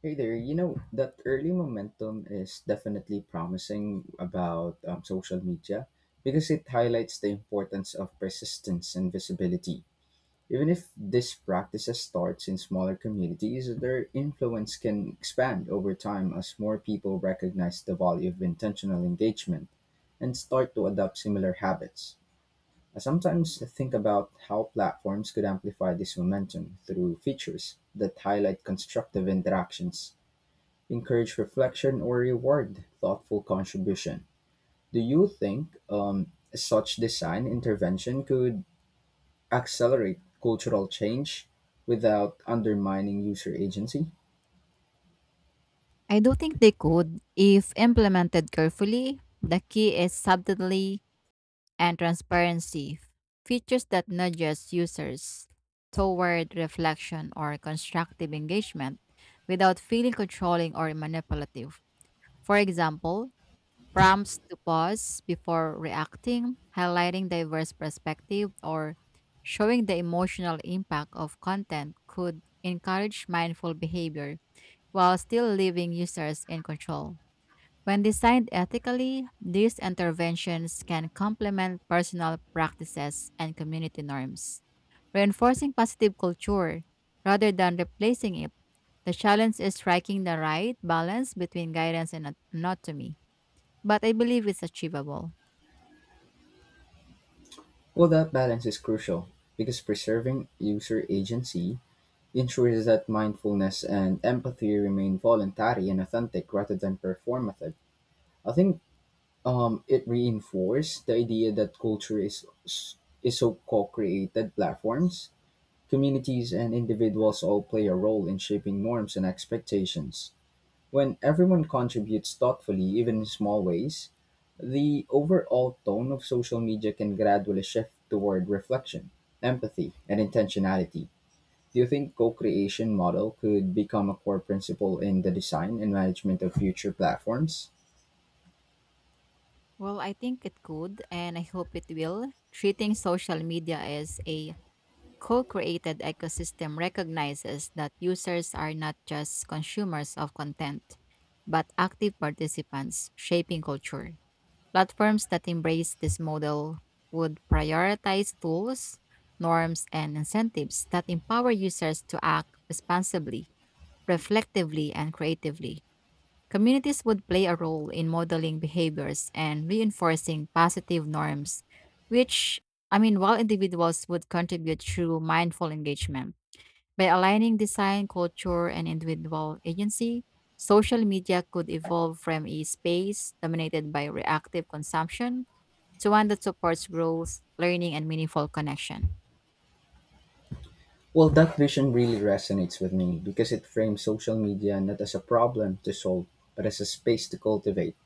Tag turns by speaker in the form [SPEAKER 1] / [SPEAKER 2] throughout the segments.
[SPEAKER 1] Hey there, you know, that early momentum is definitely promising about social media because it highlights the importance of persistence and visibility. Even if this practice starts in smaller communities, their influence can expand over time as more people recognize the value of intentional engagement and start to adopt similar habits. I sometimes think about how platforms could amplify this momentum through features that highlight constructive interactions, encourage reflection, or reward thoughtful contribution. Do you think such design intervention could accelerate cultural change without undermining user agency?
[SPEAKER 2] I do think they could if implemented carefully. The key is subtlety and transparency, features that nudges users toward reflection or constructive engagement without feeling controlling or manipulative. For example, prompts to pause before reacting, highlighting diverse perspective or showing the emotional impact of content could encourage mindful behavior while still leaving users in control. When designed ethically, these interventions can complement personal practices and community norms, reinforcing positive culture rather than replacing it. The challenge is striking the right balance between guidance and autonomy, but I believe it's achievable.
[SPEAKER 1] Well, that balance is crucial because preserving user agency ensures that mindfulness and empathy remain voluntary and authentic rather than performative. I think it reinforced the idea that culture is so co-created. Platforms, communities, and individuals all play a role in shaping norms and expectations. When everyone contributes thoughtfully, even in small ways, the overall tone of social media can gradually shift toward reflection, empathy, and intentionality. Do you think co creation model could become a core principle in the design and management of future platforms?
[SPEAKER 2] Well, I think it could, and I hope it will. Treating social media as a co-created ecosystem recognizes that users are not just consumers of content, but active participants shaping culture. Platforms that embrace this model would prioritize tools, norms, and incentives that empower users to act responsibly, reflectively, and creatively. Communities would play a role in modeling behaviors and reinforcing positive norms, which, I mean, while individuals would contribute through mindful engagement. By aligning design, culture, and individual agency, social media could evolve from a space dominated by reactive consumption to one that supports growth, learning, and meaningful connection.
[SPEAKER 1] Well, that vision really resonates with me because it frames social media not as a problem to solve, but as a space to cultivate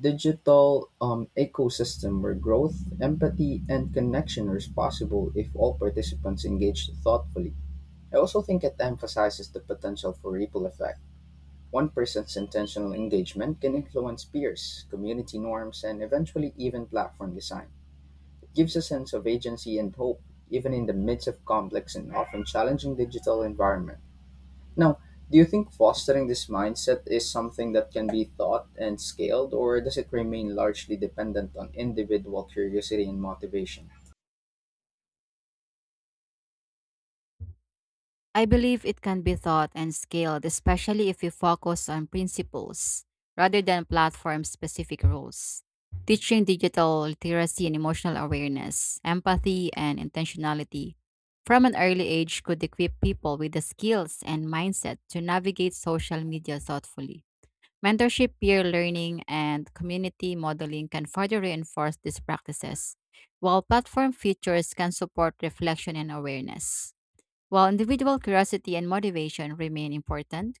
[SPEAKER 1] digital ecosystem where growth, empathy, and connection are possible if all participants engage thoughtfully. I also think it emphasizes the potential for ripple effect. One person's intentional engagement can influence peers, community norms, and eventually even platform design. It gives a sense of agency and hope, even in the midst of complex and often challenging digital environments. Now, do you think fostering this mindset is something that can be taught and scaled, or does it remain largely dependent on individual curiosity and motivation?
[SPEAKER 2] I believe it can be taught and scaled, especially if you focus on principles rather than platform specific rules. Teaching digital literacy and emotional awareness, empathy, and intentionality from an early age could equip people with the skills and mindset to navigate social media thoughtfully. Mentorship, peer learning, and community modeling can further reinforce these practices, while platform features can support reflection and awareness. While individual curiosity and motivation remain important,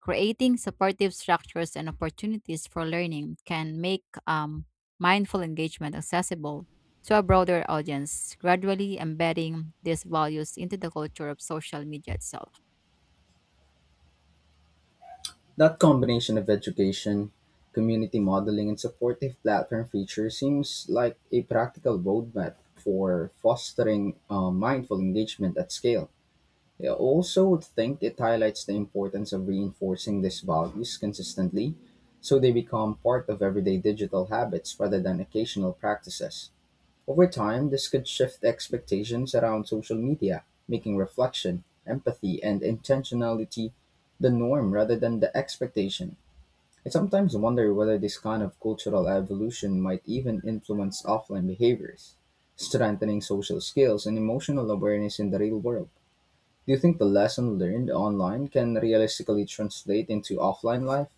[SPEAKER 2] creating supportive structures and opportunities for learning can make mindful engagement accessible to a broader audience, gradually embedding these values into the culture of social media itself.
[SPEAKER 1] That combination of education, community modeling, and supportive platform features seems like a practical roadmap for fostering mindful engagement at scale. I also would think it highlights the importance of reinforcing these values consistently so they become part of everyday digital habits rather than occasional practices. Over time, this could shift expectations around social media, making reflection, empathy, and intentionality the norm rather than the expectation. I sometimes wonder whether this kind of cultural evolution might even influence offline behaviors, strengthening social skills and emotional awareness in the real world. Do you think the lesson learned online can realistically translate into offline life?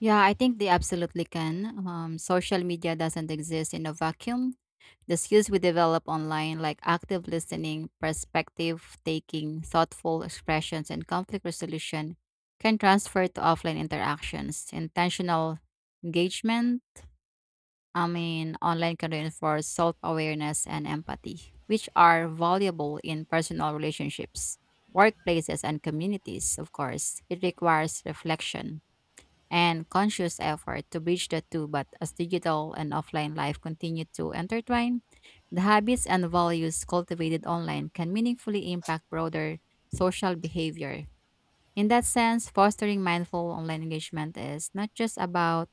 [SPEAKER 2] Yeah, I think they absolutely can. Social media doesn't exist in a vacuum. The skills we develop online, like active listening, perspective taking, thoughtful expressions, and conflict resolution, can transfer to offline interactions. Intentional engagement, I mean, online can reinforce self awareness and empathy, which are valuable in personal relationships, workplaces, and communities, of course. It requires reflection and conscious effort to bridge the two. But as digital and offline life continue to intertwine, the habits and values cultivated online can meaningfully impact broader social behavior. In that sense, fostering mindful online engagement is not just about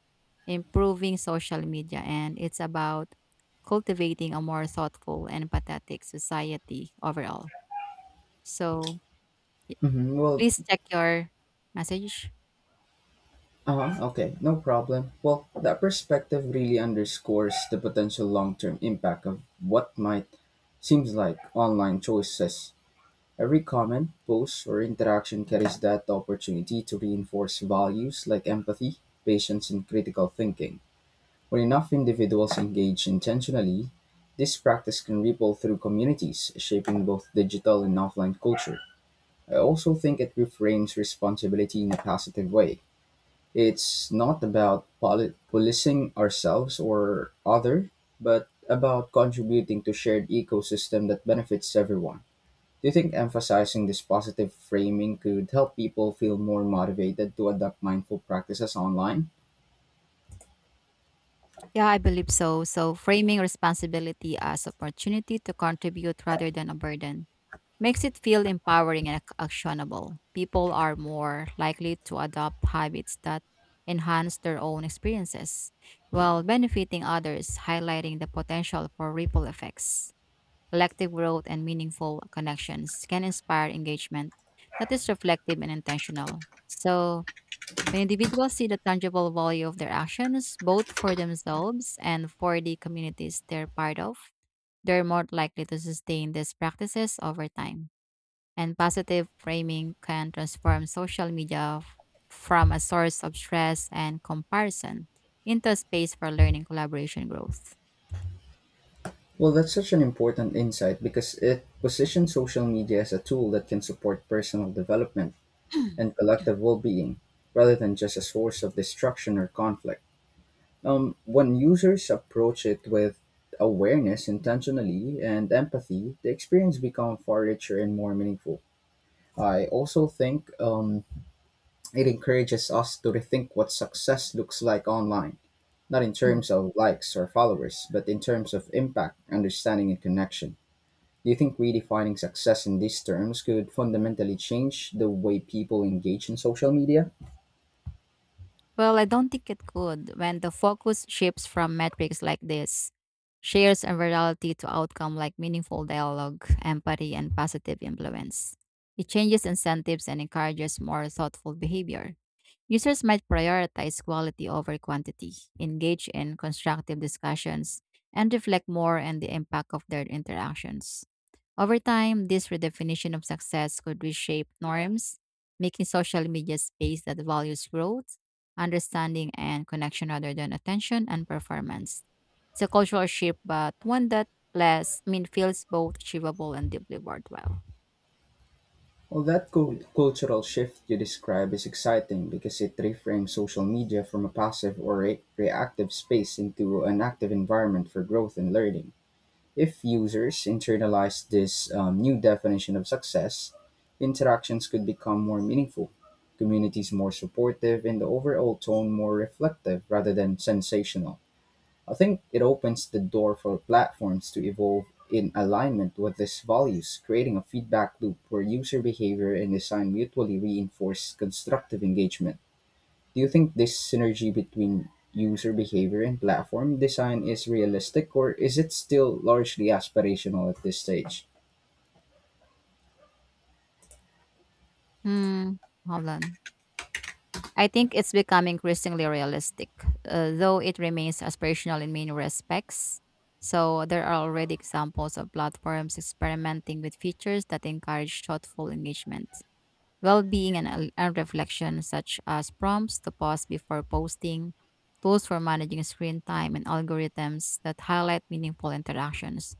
[SPEAKER 2] improving social media, and it's about cultivating a more thoughtful and empathetic society overall. So, y-
[SPEAKER 1] Hmm, well,
[SPEAKER 2] please check your message.
[SPEAKER 1] uh, okay, no problem. Well, that perspective really underscores the potential long term impact of what might seems like online choices. Every comment, post, or interaction carries that opportunity to reinforce values like empathy, patience, and critical thinking. When enough individuals engage intentionally, this practice can ripple through communities, shaping both digital and offline culture. I also think it reframes responsibility in a positive way. It's not about policing ourselves or other, but about contributing to shared ecosystem that benefits everyone. Do you think emphasizing this positive framing could help people feel more motivated to adopt mindful practices online?
[SPEAKER 2] Yeah, I believe so. So, framing responsibility as opportunity to contribute rather than a burden makes it feel empowering and actionable. People are more likely to adopt habits that enhance their own experiences while benefiting others, highlighting the potential for ripple effects. Collective growth and meaningful connections can inspire engagement that is reflective and intentional. So, when individuals see the tangible value of their actions, both for themselves and for the communities they're part of, they're more likely to sustain these practices over time. And positive framing can transform social media from a source of stress and comparison into a space for learning, collaboration, growth.
[SPEAKER 1] Well, that's such an important insight because it positions social media as a tool that can support personal development
[SPEAKER 2] うん、
[SPEAKER 1] and
[SPEAKER 2] うん。
[SPEAKER 1] collective well-being rather than just a source of destruction or conflict. When users approach it with awareness, intentionally, and empathy, the experience becomes far richer and more meaningful. I also think it encourages us to rethink what success looks like online, not in
[SPEAKER 2] うん。
[SPEAKER 1] terms of likes or followers, but in terms of impact, understanding, and connection. Do you think redefining success in these terms could fundamentally change the way people engage in social media?
[SPEAKER 2] Well, I don't think it could. When the focus shifts from metrics like this, shares and virality to outcome like meaningful dialogue, empathy, and positive influence, it changes incentives and encourages more thoughtful behavior. Users might prioritize quality over quantity, engage in constructive discussions, and reflect more on the impact of their interactions. Over time, this redefinition of success could reshape norms, making social media a space that values growth, understanding, and connection rather than attention and performance. It's a cultural shift, but one that less I mean feels both achievable and deeply worthwhile.
[SPEAKER 1] Well, that cultural shift you describe is exciting because it reframes social media from a passive or reactive space into an active environment for growth and learning. If users internalize this new definition of success, interactions could become more meaningful, communities more supportive, and the overall tone more reflective rather than sensational. I think it opens the door for platforms to evolve in alignment with these values, creating a feedback loop where user behavior and design mutually reinforce constructive engagement. Do you think this synergy between user behavior and platform design is realistic, or is it still largely aspirational at this stage?
[SPEAKER 2] Hmm, hold on. I think it's becoming increasingly realistic, though it remains aspirational in many respects. So there are already examples of platforms experimenting with features that encourage thoughtful engagement, well-being, and reflection, such as prompts to pause before posting, tools for managing screen time, and algorithms that highlight meaningful interactions.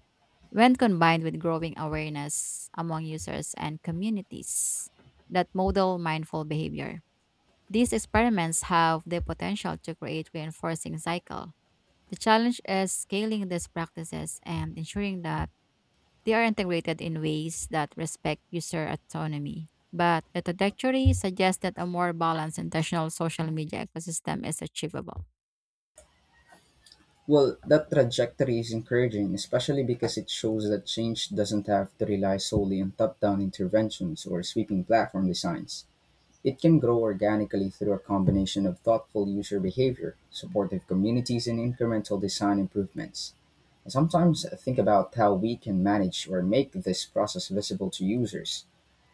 [SPEAKER 2] When combined with growing awareness among users and communities that model mindful behavior these experiments have the potential to create reinforcing cycle. The challenge is scaling these practices and ensuring that they are integrated in ways that respect user autonomy. But the trajectory suggests that a more balanced intentional social media ecosystem is achievable.
[SPEAKER 1] Well, that trajectory is encouraging, especially because it shows that change doesn't have to rely solely on top down interventions or sweeping platform designs. It can grow organically through a combination of thoughtful user behavior, supportive communities, and incremental design improvements. I sometimes think about how we can manage or make this process visible to users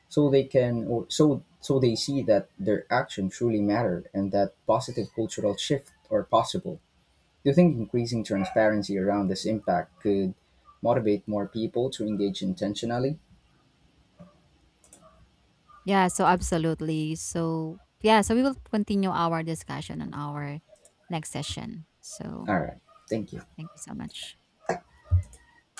[SPEAKER 1] so they can or so they see that their action truly mattered and that positive cultural shift are possible. Do you think increasing transparency around this impact could motivate more people to engage intentionally?
[SPEAKER 2] Yeah, so absolutely. So yeah, so we will continue our discussion on our next session. So
[SPEAKER 1] All right. Thank you.
[SPEAKER 2] thank you so much.